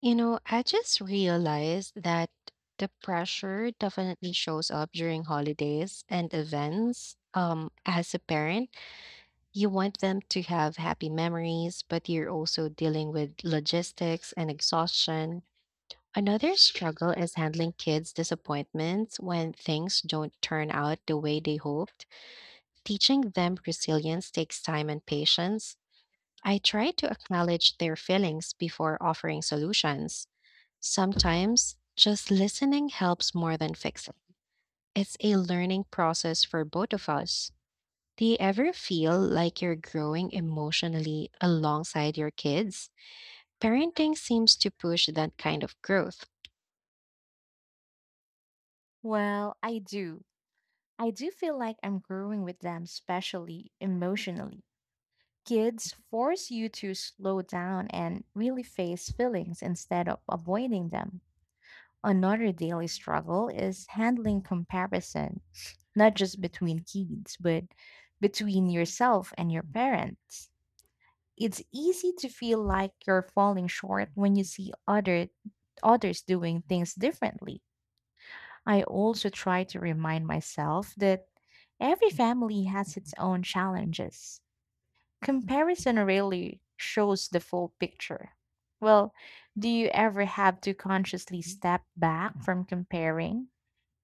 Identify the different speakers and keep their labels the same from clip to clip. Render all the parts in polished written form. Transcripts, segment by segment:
Speaker 1: You know, I just realized that the pressure definitely shows up during holidays and events. As a parent, you want them to have happy memories, but you're also dealing with logistics and exhaustion. Another struggle is handling kids' disappointments when things don't turn out the way they hoped. Teaching them resilience takes time and patience. I try to acknowledge their feelings before offering solutions. Sometimes just listening helps more than fixing. It's a learning process for both of us. Do you ever feel like you're growing emotionally alongside your kids? Parenting seems to push that kind of growth.
Speaker 2: Well, I do. I do feel like I'm growing with them, especially emotionally. Kids force you to slow down and really face feelings instead of avoiding them. Another daily struggle is handling comparison, not just between kids, but between yourself and your parents. It's easy to feel like you're falling short when you see other others doing things differently. I also try to remind myself that every family has its own challenges. Comparison rarely shows the full picture. Well, do you ever have to consciously step back from comparing?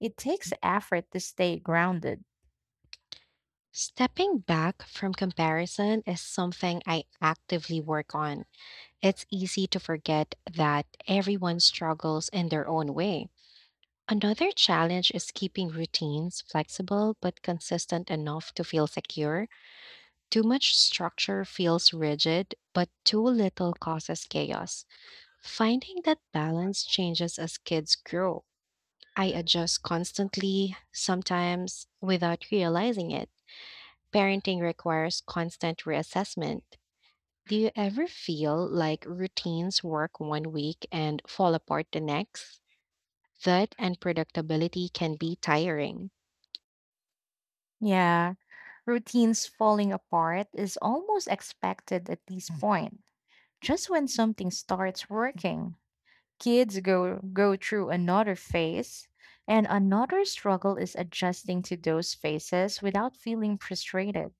Speaker 2: It takes effort to stay grounded.
Speaker 1: Stepping back from comparison is something I actively work on. It's easy to forget that everyone struggles in their own way. Another challenge is keeping routines flexible but consistent enough to feel secure. Too much structure feels rigid, but too little causes chaos. Finding that balance changes as kids grow. I adjust constantly, sometimes without realizing it. Parenting requires constant reassessment. Do you ever feel like routines work one week and fall apart the next? That unpredictability can be tiring.
Speaker 2: Yeah, routines falling apart is almost expected at this point, just when something starts working. Kids go through another phase, and another struggle is adjusting to those phases without feeling frustrated.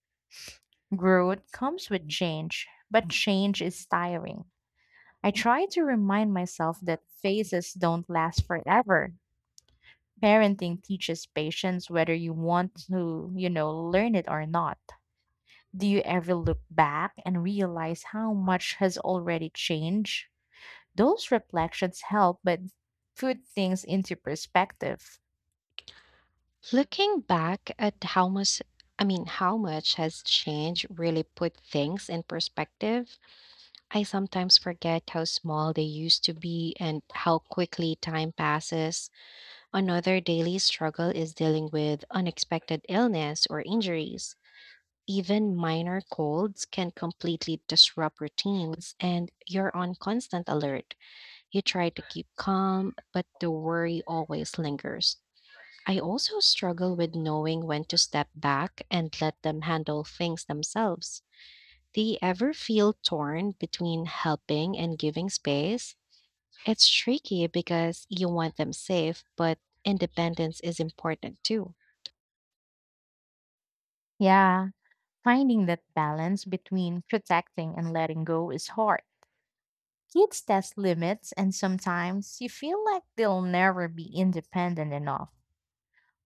Speaker 2: Growth comes with change, but change is tiring. I try to remind myself that phases don't last forever. Parenting teaches patience whether you want to learn it or not. Do you ever look back and realize how much has already changed? Those reflections help, but put things into perspective.
Speaker 1: Looking back at how much, I mean, how much has change really put things in perspective, I sometimes forget how small they used to be and how quickly time passes. Another daily struggle is dealing with unexpected illness or injuries. Even minor colds can completely disrupt routines, and you're on constant alert. You try to keep calm, but the worry always lingers. I also struggle with knowing when to step back and let them handle things themselves. Do you ever feel torn between helping and giving space? It's tricky because you want them safe, but independence is important too.
Speaker 2: Yeah, finding that balance between protecting and letting go is hard. Kids test limits, and sometimes you feel like they'll never be independent enough.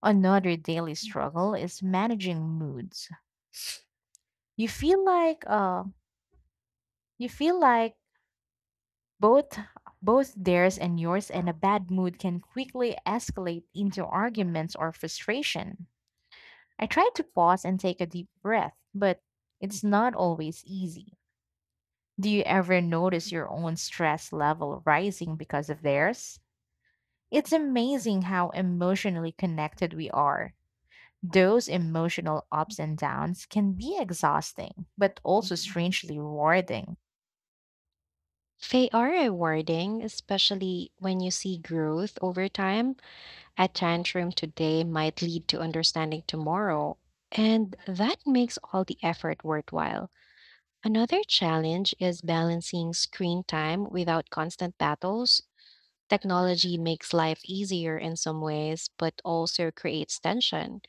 Speaker 2: Another daily struggle is managing moods. You feel like uh, you feel like both both theirs and yours, and a bad mood can quickly escalate into arguments or frustration. I try to pause and take a deep breath, but it's not always easy. Do you ever notice your own stress level rising because of theirs? It's amazing how emotionally connected we are. Those emotional ups and downs can be exhausting, but also strangely rewarding.
Speaker 1: They are rewarding, especially when you see growth over time. A tantrum today might lead to understanding tomorrow, and that makes all the effort worthwhile. Another challenge is balancing screen time without constant battles. Technology makes life easier in some ways, but also creates tension.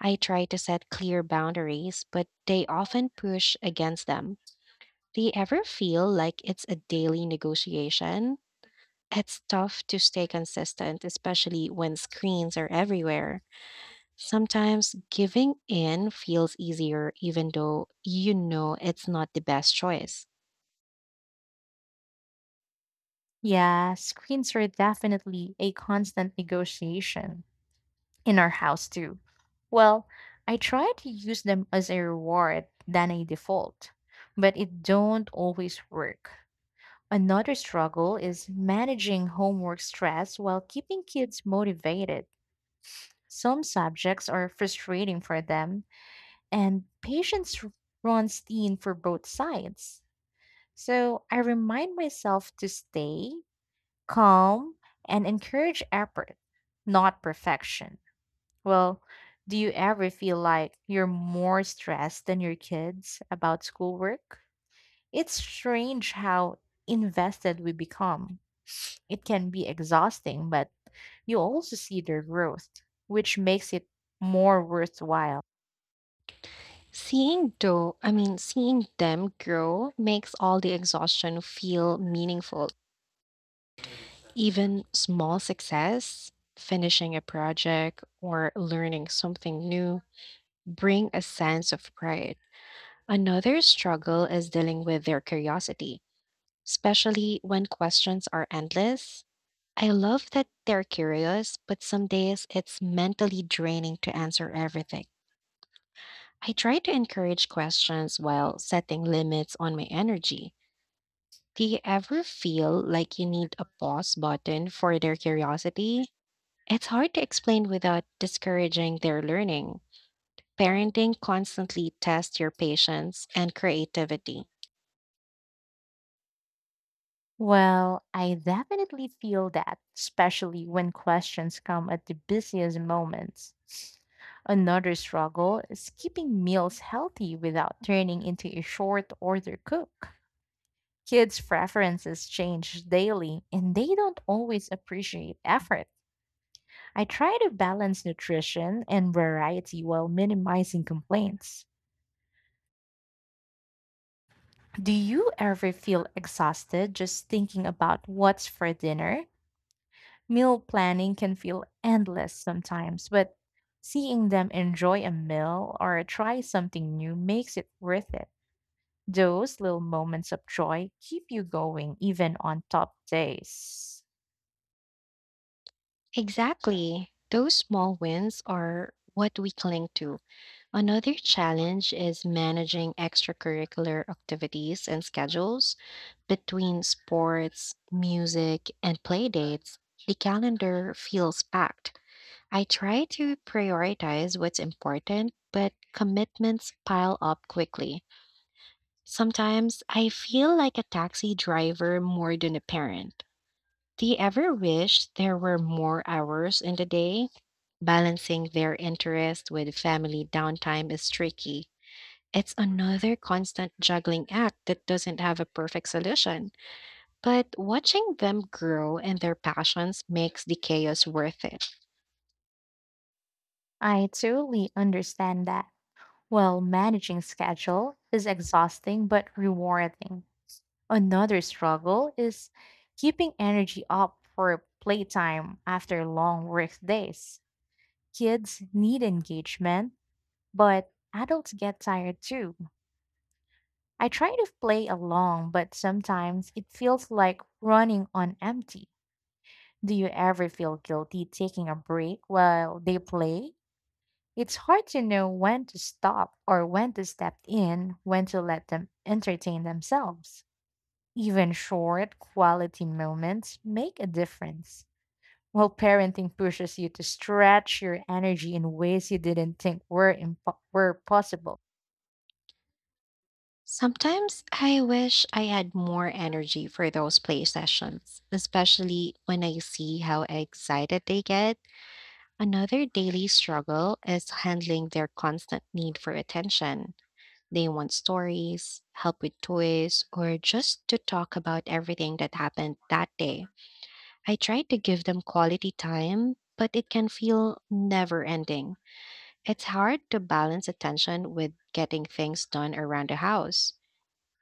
Speaker 1: I try to set clear boundaries, but they often push against them. Do you ever feel like it's a daily negotiation? It's tough to stay consistent, especially when screens are everywhere. Sometimes giving in feels easier, even though you know it's not the best choice.
Speaker 2: Yeah, screens are definitely a constant negotiation in our house too. Well, I try to use them as a reward than a default, but it don't always work. Another struggle is managing homework stress while keeping kids motivated. Some subjects are frustrating for them, and patience runs thin for both sides. So I remind myself to stay calm and encourage effort, not perfection. Well, do you ever feel like you're more stressed than your kids about schoolwork? It's strange how invested we become. It can be exhausting, but you also see their growth, which makes it more worthwhile.
Speaker 1: Seeing though, I mean, seeing them grow makes all the exhaustion feel meaningful. Even small success, finishing a project or learning something new, bring a sense of pride. Another struggle is dealing with their curiosity, especially when questions are endless. I love that they're curious, but some days it's mentally draining to answer everything. I try to encourage questions while setting limits on my energy. Do you ever feel like you need a pause button for their curiosity? It's hard to explain without discouraging their learning. Parenting constantly tests your patience and creativity.
Speaker 2: Well, I definitely feel that, especially when questions come at the busiest moments. Another struggle is keeping meals healthy without turning into a short order cook. Kids' preferences change daily and they don't always appreciate effort. I try to balance nutrition and variety while minimizing complaints. Do you ever feel exhausted just thinking about what's for dinner? Meal planning can feel endless sometimes, but seeing them enjoy a meal or try something new makes it worth it. Those little moments of joy keep you going even on top days.
Speaker 1: Exactly. Those small wins are what we cling to. Another challenge is managing extracurricular activities and schedules between sports, music, and play dates. The calendar feels packed. I try to prioritize what's important, but commitments pile up quickly. Sometimes I feel like a taxi driver more than a parent. Do you ever wish there were more hours in the day? Balancing their interest with family downtime is tricky. It's another constant juggling act that doesn't have a perfect solution. But watching them grow and their passions makes the chaos worth it.
Speaker 2: I totally understand that. Well, managing schedule is exhausting but rewarding. Another struggle is keeping energy up for playtime after long work days. Kids need engagement, but adults get tired too. I try to play along, but sometimes it feels like running on empty. Do you ever feel guilty taking a break while they play? It's hard to know when to stop or when to step in, when to let them entertain themselves. Even short, quality moments make a difference. While parenting pushes you to stretch your energy in ways you didn't think were possible.
Speaker 1: Sometimes I wish I had more energy for those play sessions, especially when I see how excited they get. Another daily struggle is handling their constant need for attention. They want stories, help with toys, or just to talk about everything that happened that day. I try to give them quality time, but it can feel never ending. It's hard to balance attention with getting things done around the house.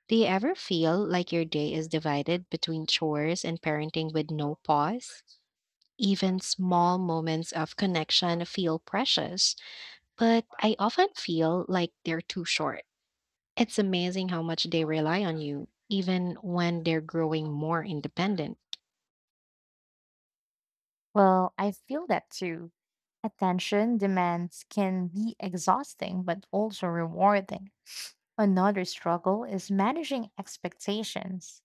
Speaker 1: Do you ever feel like your day is divided between chores and parenting with no pause? Even small moments of connection feel precious, but I often feel like they're too short. It's amazing how much they rely on you, even when they're growing more independent.
Speaker 2: Well, I feel that too. Attention demands can be exhausting but also rewarding. Another struggle is managing expectations,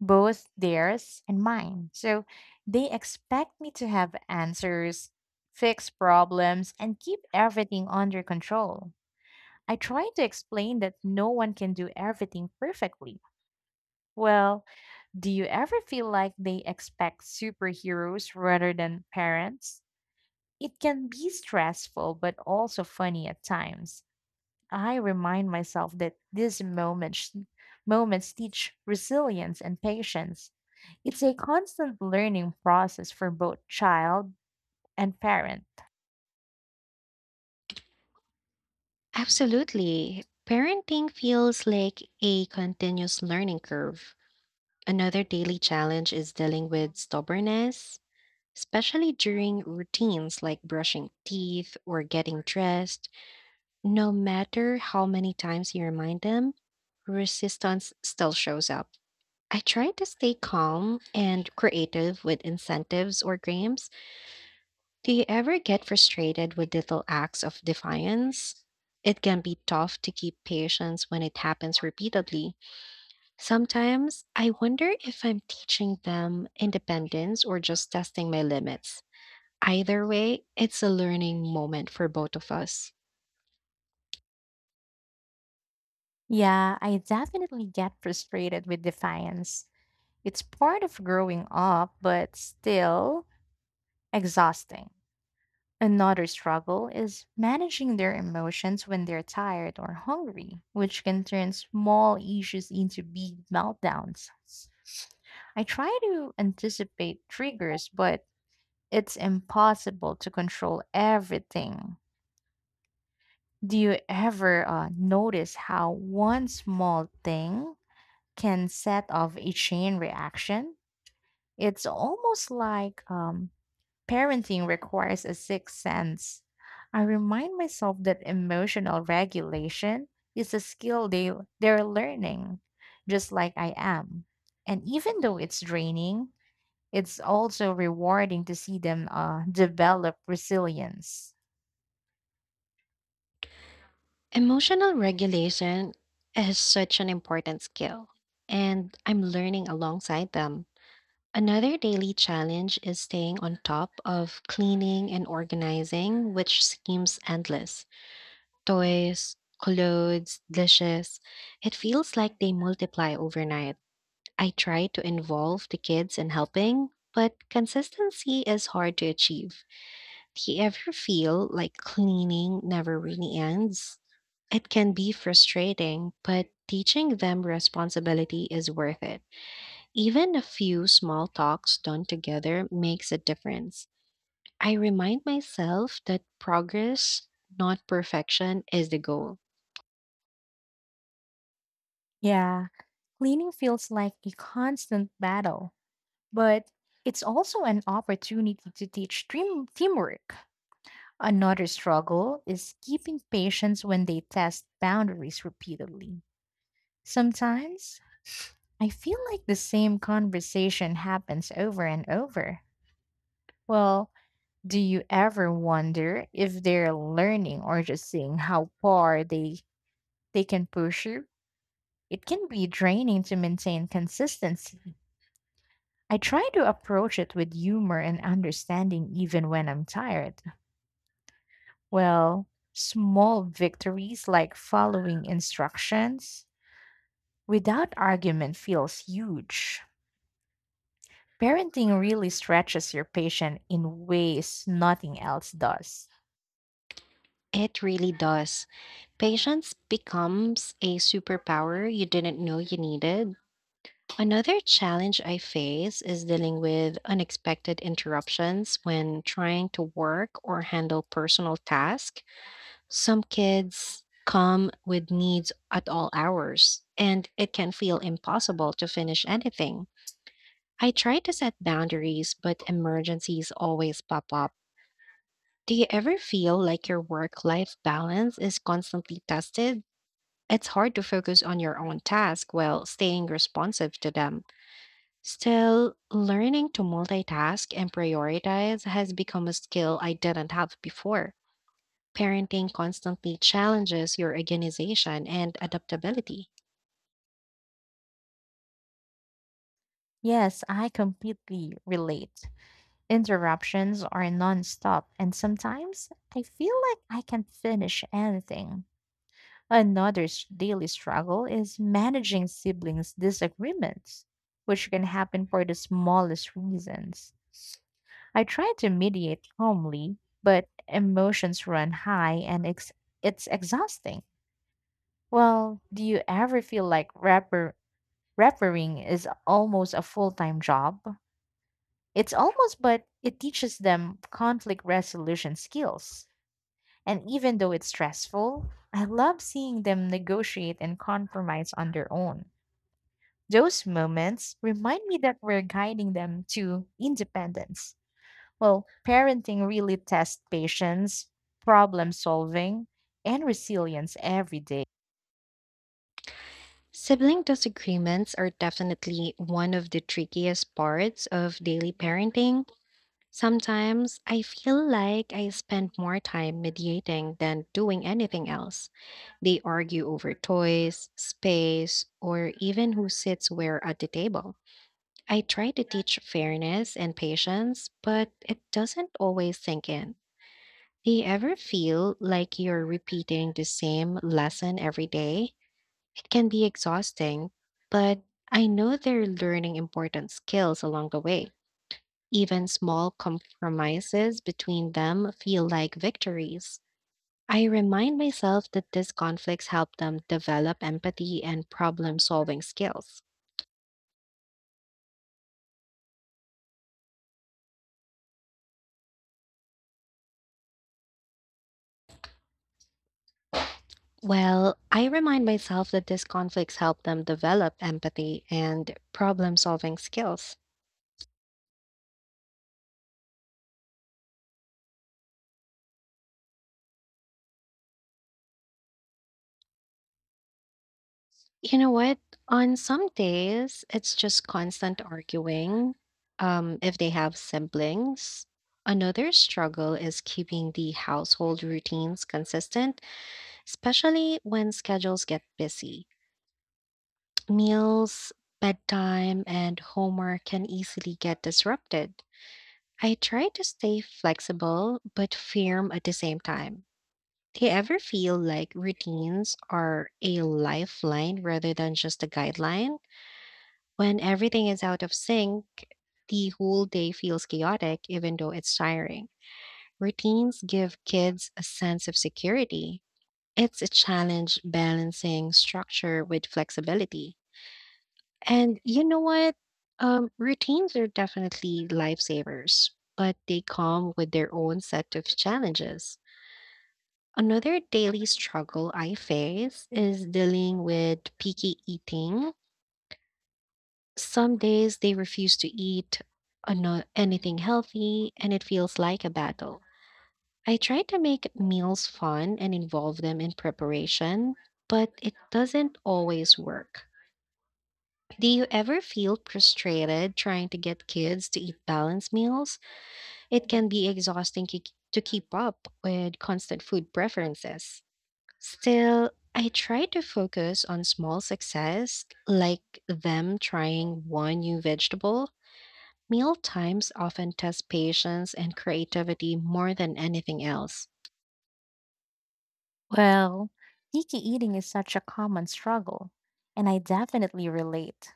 Speaker 2: both theirs and mine. So they expect me to have answers, fix problems, and keep everything under control. I try to explain that no one can do everything perfectly. Well, do you ever feel like they expect superheroes rather than parents? It can be stressful, but also funny at times. I remind myself that moments teach resilience and patience. It's a constant learning process for both child and parent.
Speaker 1: Absolutely. Parenting feels like a continuous learning curve. Another daily challenge is dealing with stubbornness, especially during routines like brushing teeth or getting dressed. No matter how many times you remind them, resistance still shows up. I try to stay calm and creative with incentives or games. Do you ever get frustrated with little acts of defiance? It can be tough to keep patience when it happens repeatedly. Sometimes I wonder if I'm teaching them independence or just testing my limits. Either way, it's a learning moment for both of us.
Speaker 2: Yeah, I definitely get frustrated with defiance. It's part of growing up, but still exhausting. Another struggle is managing their emotions when they're tired or hungry, which can turn small issues into big meltdowns. I try to anticipate triggers, but it's impossible to control everything. Do you ever notice how one small thing can set off a chain reaction? It's almost like parenting requires a sixth sense. I remind myself that emotional regulation is a skill they're learning, just like I am. And even though it's draining, it's also rewarding to see them develop resilience.
Speaker 1: Emotional regulation is such an important skill, and I'm learning alongside them. Another daily challenge is staying on top of cleaning and organizing, which seems endless. Toys, clothes, dishes. It feels like they multiply overnight. I try to involve the kids in helping, but consistency is hard to achieve. Do you ever feel like cleaning never really ends? It can be frustrating, but teaching them responsibility is worth it. Even a few small talks done together makes a difference. I remind myself that progress, not perfection, is the goal.
Speaker 2: Yeah, cleaning feels like a constant battle, but it's also an opportunity to teach teamwork. Another struggle is keeping patience when they test boundaries repeatedly. Sometimes I feel like the same conversation happens over and over. Well, do you ever wonder if they're learning or just seeing how far they can push you? It can be draining to maintain consistency. I try to approach it with humor and understanding even when I'm tired. Well, small victories like following instructions without argument feels huge. Parenting really stretches your patience in ways nothing else does.
Speaker 1: It really does. Patience becomes a superpower you didn't know you needed. Another challenge I face is dealing with unexpected interruptions when trying to work or handle personal tasks. Some kids come with needs at all hours, and it can feel impossible to finish anything. I try to set boundaries, but emergencies always pop up. Do you ever feel like your work life balance is constantly tested? It's hard to focus on your own task while staying responsive to them. Still, learning to multitask and prioritize has become a skill I didn't have before. Parenting constantly challenges your organization and adaptability.
Speaker 2: Yes, I completely relate. Interruptions are nonstop, and sometimes I feel like I can't finish anything. Daily struggle is managing siblings' disagreements, which can happen for the smallest reasons. I try to mediate calmly, but emotions run high, and it's exhausting. Well, do you ever feel like rappering is almost a full time job? It's almost, but it teaches them conflict resolution skills. And even though it's stressful, I love seeing them negotiate and compromise on their own. Those moments remind me that we're guiding them to independence. Well, parenting really tests patience, problem solving, and resilience every day.
Speaker 1: Sibling disagreements are definitely one of the trickiest parts of daily parenting. Sometimes I feel like I spend more time mediating than doing anything else. They argue over toys, space, or even who sits where at the table. I try to teach fairness and patience, but it doesn't always sink in. Do you ever feel like you're repeating the same lesson every day? It can be exhausting, but I know they're learning important skills along the way. Even small compromises between them feel like victories. I remind myself that these conflicts help them develop empathy and problem solving skills. Well, I remind myself that these conflicts help them develop empathy and problem solving skills. You know what? On some days, it's just constant arguing if they have siblings. Another struggle is keeping the household routines consistent, especially when schedules get busy. Meals, bedtime, and homework can easily get disrupted. I try to stay flexible but firm at the same time. Do you ever feel like routines are a lifeline rather than just a guideline? When everything is out of sync, the whole day feels chaotic, even though it's tiring. Routines give kids a sense of security. It's a challenge balancing structure with flexibility. And you know what? Routines are definitely lifesavers, but they come with their own set of challenges. Another daily struggle I face is dealing with picky eating. Some days they refuse to eat anything healthy, and it feels like a battle. I try to make meals fun and involve them in preparation, but it doesn't always work. Do you ever feel frustrated trying to get kids to eat balanced meals? It can be exhausting to keep up with constant food preferences. Still, I try to focus on small success, like them trying one new vegetable. Meal times often test patience and creativity more than anything else.
Speaker 2: Well, picky eating is such a common struggle, and I definitely relate.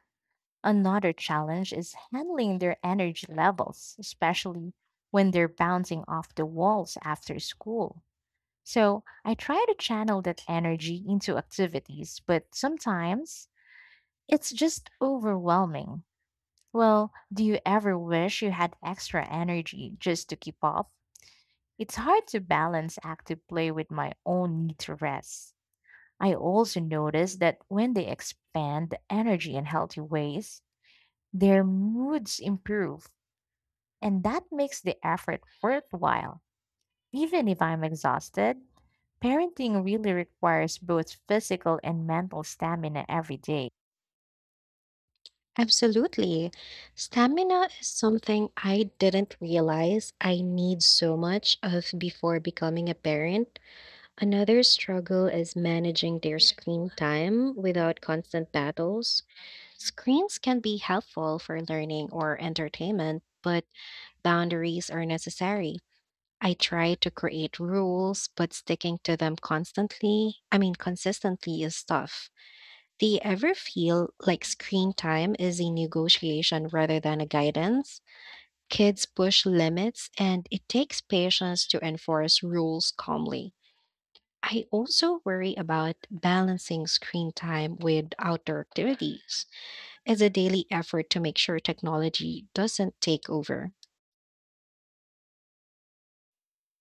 Speaker 2: Another challenge is handling their energy levels, especially when they're bouncing off the walls after school. So I try to channel that energy into activities, but sometimes it's just overwhelming. Well, do you ever wish you had extra energy just to keep up? It's hard to balance active play with my own need to rest. I also notice that when they expand the energy in healthy ways, their moods improve, and that makes the effort worthwhile. Even if I'm exhausted, parenting really requires both physical and mental stamina every day.
Speaker 1: Absolutely. Stamina is something I didn't realize I need so much of before becoming a parent. Another struggle is managing their screen time without constant battles. Screens can be helpful for learning or entertainment, but boundaries are necessary. I try to create rules, but sticking to them consistently is tough. Do you ever feel like screen time is a negotiation rather than a guidance? Kids push limits and it takes patience to enforce rules calmly. I also worry about balancing screen time with outdoor activities. It's a daily effort to make sure technology doesn't take over.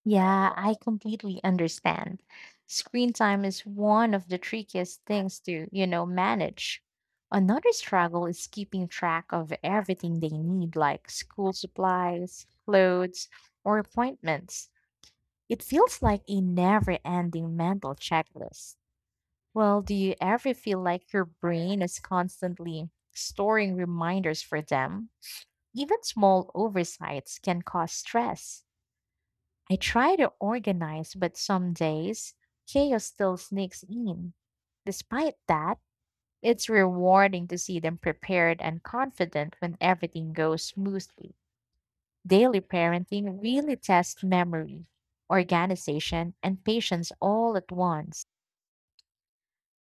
Speaker 2: Yeah, I completely understand. Screen time is one of the trickiest things to, manage. Another struggle is keeping track of everything they need, like school supplies, clothes, or appointments. It feels like a never ending mental checklist. Well, do you ever feel like your brain is constantly storing reminders for them? Even small oversights can cause stress. I try to organize, but some days chaos still sneaks in. Despite that, it's rewarding to see them prepared and confident when everything goes smoothly. Daily parenting really tests memory, organization, and patience all at once.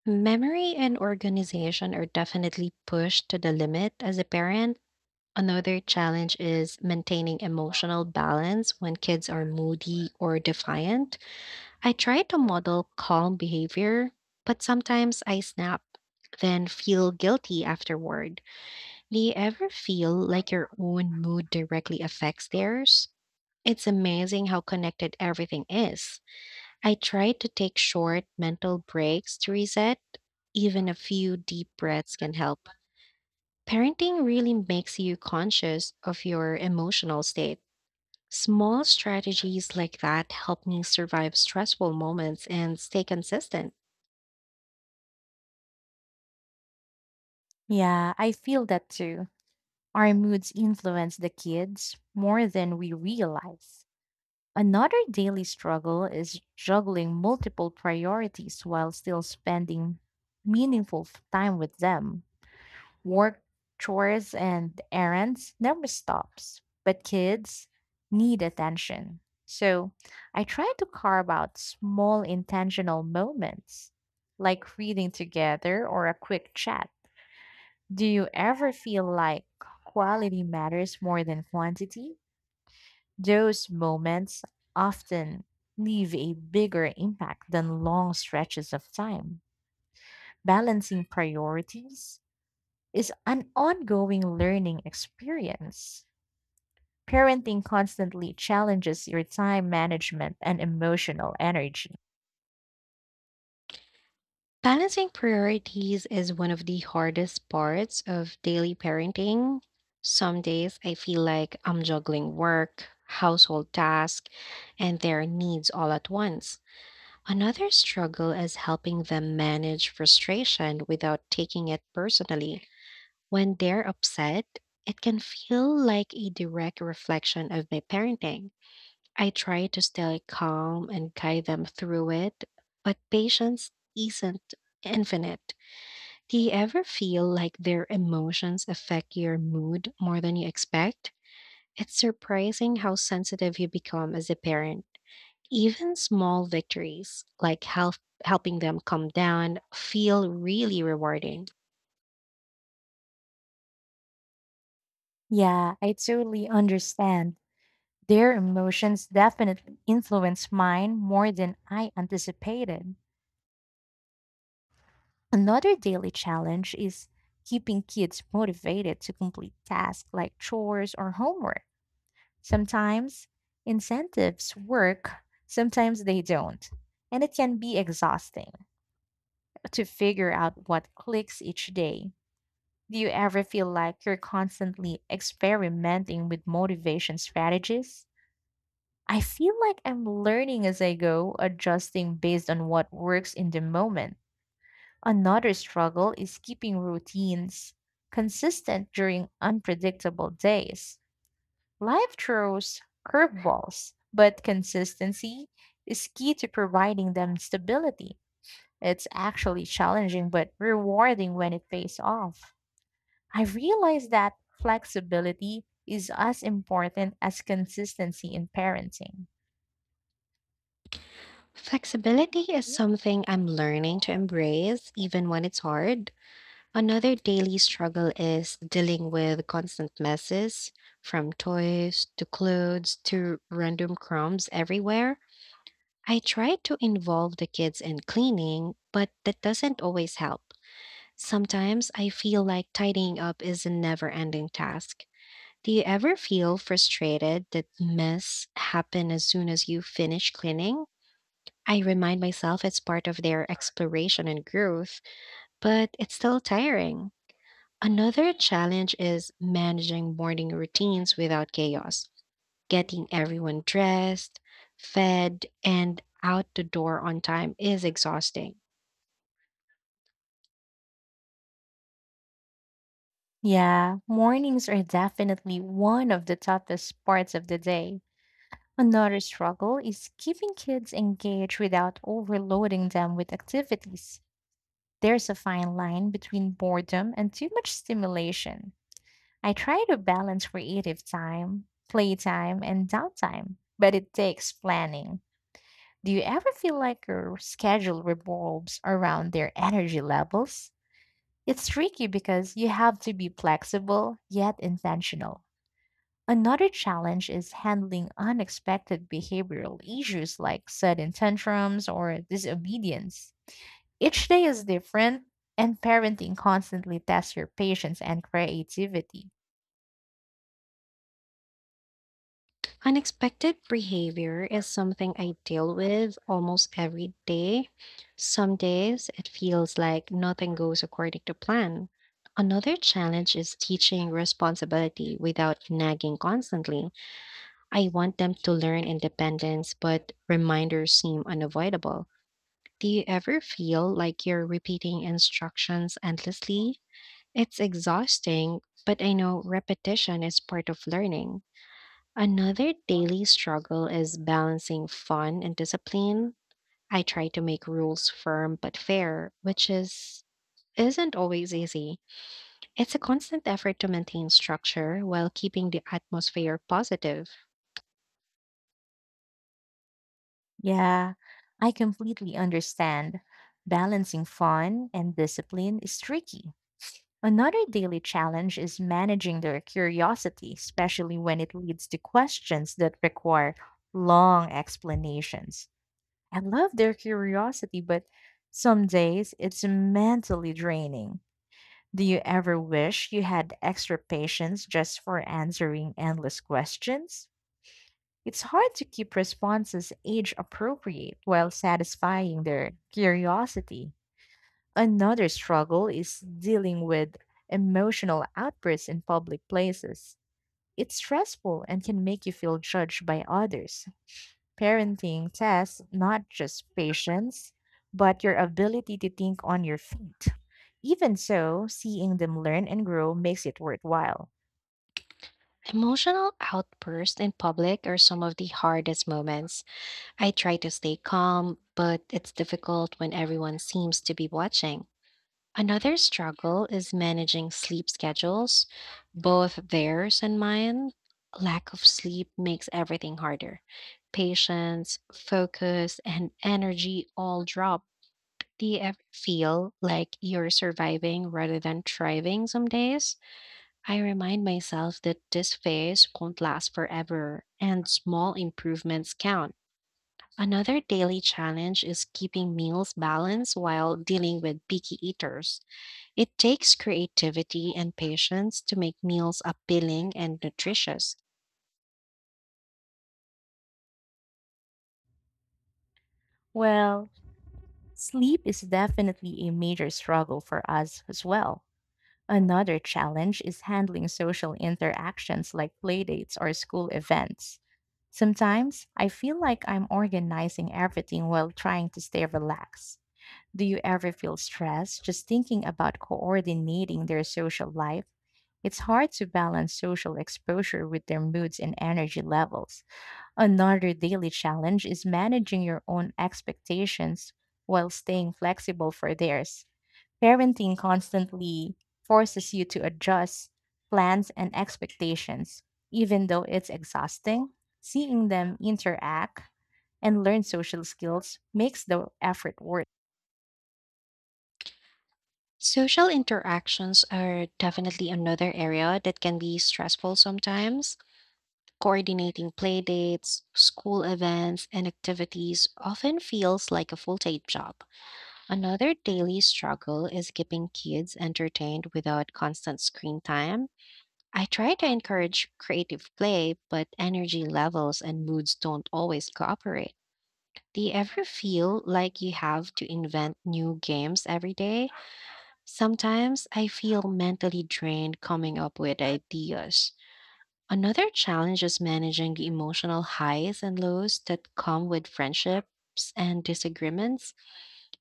Speaker 1: Memory and organization are definitely pushed to the limit as a parent. Another challenge is maintaining emotional balance when kids are moody or defiant. I try to model calm behavior, but sometimes I snap, then feel guilty afterward. Do you ever feel like your own mood directly affects theirs? It's amazing how connected everything is. I try to take short mental breaks to reset. Even a few deep breaths can help. Parenting really makes you conscious of your emotional state. Small strategies like that help me survive stressful moments and stay consistent.
Speaker 2: Yeah, I feel that too. Our moods influence the kids more than we realize. Another daily struggle is juggling multiple priorities while still spending time with them. Work, chores, and errands never stops, but kids need attention. So I try to carve out small intentional moments, like reading together or a quick chat. Do you ever feel like quality matters more than quantity? Those moments often leave a bigger impact than long stretches of time. Balancing priorities is an ongoing learning experience. Parenting constantly challenges your time management and emotional energy.
Speaker 1: Balancing priorities is one of the hardest parts of daily parenting. Some days I feel like I'm juggling work, household tasks, and their needs all at once. Another struggle is helping them manage frustration without taking it personally. When they're upset, it can feel like a direct reflection of my parenting. I try to stay calm and guide them through it, but patience isn't infinite. Do you ever feel like their emotions affect your mood more than you expect? It's surprising how sensitive you become as a parent. Even small victories, like helping them calm down, feel really rewarding.
Speaker 2: Yeah, I totally understand. Their emotions definitely influence mine more than I anticipated. Another daily challenge is keeping kids motivated to complete tasks like chores or homework. Sometimes incentives work, sometimes they don't. And it can be exhausting to figure out what clicks each day. Do you ever feel like you're constantly experimenting with motivation strategies? I feel like I'm learning as I go, adjusting based on what works in the moment. Another struggle is keeping routines consistent during unpredictable days. Life throws curveballs, but consistency is key to providing them stability. It's actually challenging but rewarding when it pays off. I realize that flexibility is as important as consistency in parenting.
Speaker 1: Flexibility is something I'm learning to embrace, even when it's hard. Another daily struggle is dealing with constant messes, from toys to clothes to random crumbs everywhere. I try to involve the kids in cleaning, but that doesn't always help. Sometimes I feel like tidying up is a never ending task. Do you ever feel frustrated that myths happen as soon as you finish cleaning? I remind myself it's part of their exploration and growth, but it's still tiring. Another challenge is managing morning routines without chaos, getting everyone dressed, fed, and out the door on time is exhausting.
Speaker 2: Yeah, mornings are definitely one of the toughest parts of the day. Another struggle is keeping kids engaged without overloading them with activities. There's a fine line between boredom and too much stimulation. I try to balance creative time, playtime, and downtime, but it takes planning. Do you ever feel like your schedule revolves around their energy levels? It's tricky because you have to be flexible yet intentional. Another challenge is handling unexpected behavioral issues like sudden tantrums or disobedience. Each day is different, and parenting constantly tests your patience and creativity.
Speaker 1: Unexpected behavior is something I deal with almost every day. Some days it feels like nothing goes according to plan. Another challenge is teaching responsibility without nagging constantly. I want them to learn independence, but reminders seem unavoidable. Do you ever feel like you're repeating instructions endlessly? It's exhausting, but I know repetition is part of learning. Another daily struggle is balancing fun and discipline. I try to make rules firm but fair, which is isn't always easy. It's a constant effort to maintain structure while keeping the atmosphere positive.
Speaker 2: Yeah, I completely understand. Balancing fun and discipline is tricky. Another daily challenge is managing their curiosity, especially when it leads to questions that require long explanations. I love their curiosity, but some days it's mentally draining. Do you ever wish you had extra patience just for answering endless questions? It's hard to keep responses age appropriate while satisfying their curiosity. Another struggle is dealing with emotional outbursts in public places. It's stressful and can make you feel judged by others. Parenting tests not just patience, but your ability to think on your feet. Even so, seeing them learn and grow makes it worthwhile.
Speaker 1: Emotional outbursts in public are some of the hardest moments. I try to stay calm, but it's difficult when everyone seems to be watching. Another struggle is managing sleep schedules, both theirs and mine. Lack of sleep makes everything harder. Patience, focus, and energy all drop. Do you ever feel like you're surviving rather than thriving some days? I remind myself that this phase won't last forever and small improvements count. Another daily challenge is keeping meals balanced while dealing with picky eaters. It takes creativity and patience to make meals appealing and nutritious.
Speaker 2: Well, sleep is definitely a major struggle for us as well. Another challenge is handling social interactions like playdates or school events. Sometimes I feel like I'm organizing everything while trying to stay relaxed. Do you ever feel stressed just thinking about coordinating their social life? It's hard to balance social exposure with their moods and energy levels. Another daily challenge is managing your own expectations while staying flexible for theirs. Parenting constantly forces you to adjust plans and expectations, even though it's exhausting. Seeing them interact and learn social skills makes the effort worth.
Speaker 1: Social interactions are definitely another area that can be stressful sometimes. Coordinating play dates, school events, and activities often feels like a full time job. Another daily struggle is keeping kids entertained without constant screen time. I try to encourage creative play, but energy levels and moods don't always cooperate. Do you ever feel like you have to invent new games every day? Sometimes I feel mentally drained coming up with ideas. Another challenge is managing the emotional highs and lows that come with friendships and disagreements.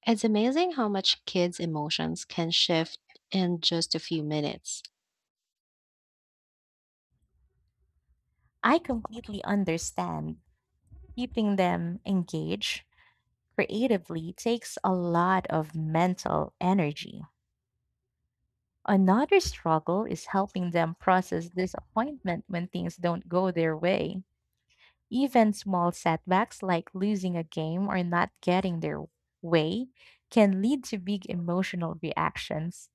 Speaker 1: It's amazing how much kids' emotions can shift in just a few minutes.
Speaker 2: I completely understand. Keeping them engaged creatively takes a lot of mental energy. Another struggle is helping them process disappointment when things don't go their way. Even small setbacks like losing a game or not getting their way can lead to big emotional reactions.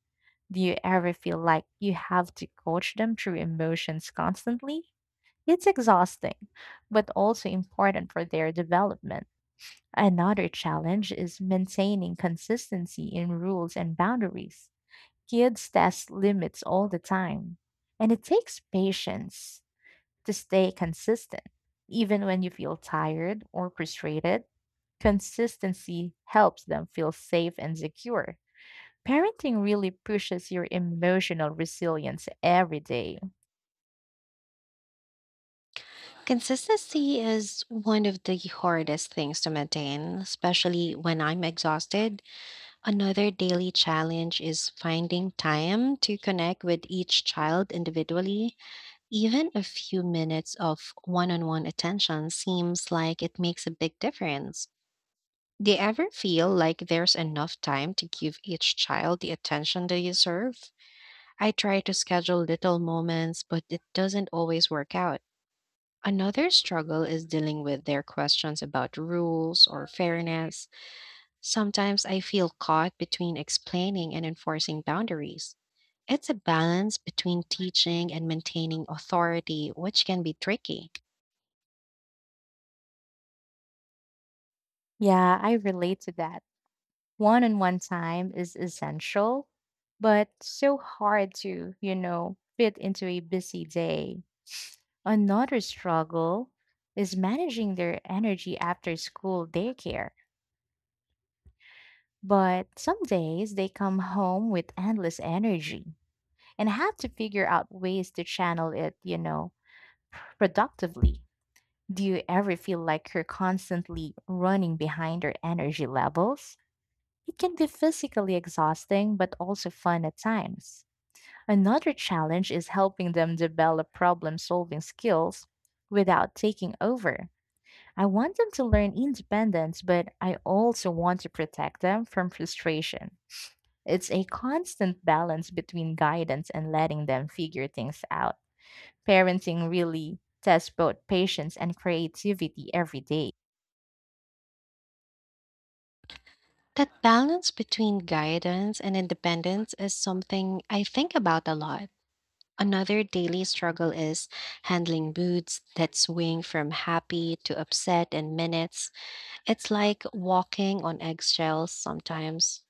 Speaker 2: Do you ever feel like you have to coach them through emotions constantly? It's exhausting, but also important for their development. Another challenge is maintaining consistency in rules and boundaries. Kids test limits all the time, and it takes patience to stay consistent. Even when you feel tired or frustrated, consistency helps them feel safe and secure. Parenting really pushes your emotional resilience every day.
Speaker 1: Consistency is one of the hardest things to maintain, especially when I'm exhausted. Another daily challenge is finding time to connect with each child individually. Even a few minutes of one on one attention seems like it makes a big difference. Do you ever feel like there's enough time to give each child the attention they deserve? I try to schedule little moments, but it doesn't always work out. Another struggle is dealing with their questions about rules or fairness. Sometimes I feel caught between explaining and enforcing boundaries. It's a balance between teaching and maintaining authority, which can be tricky.
Speaker 2: Yeah, I relate to that. One on one time is essential, but so hard to, fit into a busy day. Another struggle is managing their energy after school daycare. But some days they come home with endless energy and have to figure out ways to channel it, productively. Do you ever feel like you're constantly running behind your energy levels? It can be physically exhausting, but also fun at times. Another challenge is helping them develop problem solving skills without taking over. I want them to learn independence, but I also want to protect them from frustration. It's a constant balance between guidance and letting them figure things out. Parenting really tests both patience and creativity every day.
Speaker 1: That balance between guidance and independence is something I think about a lot. Another daily struggle is handling moods that swing from happy to upset in minutes. It's like walking on eggshells sometimes.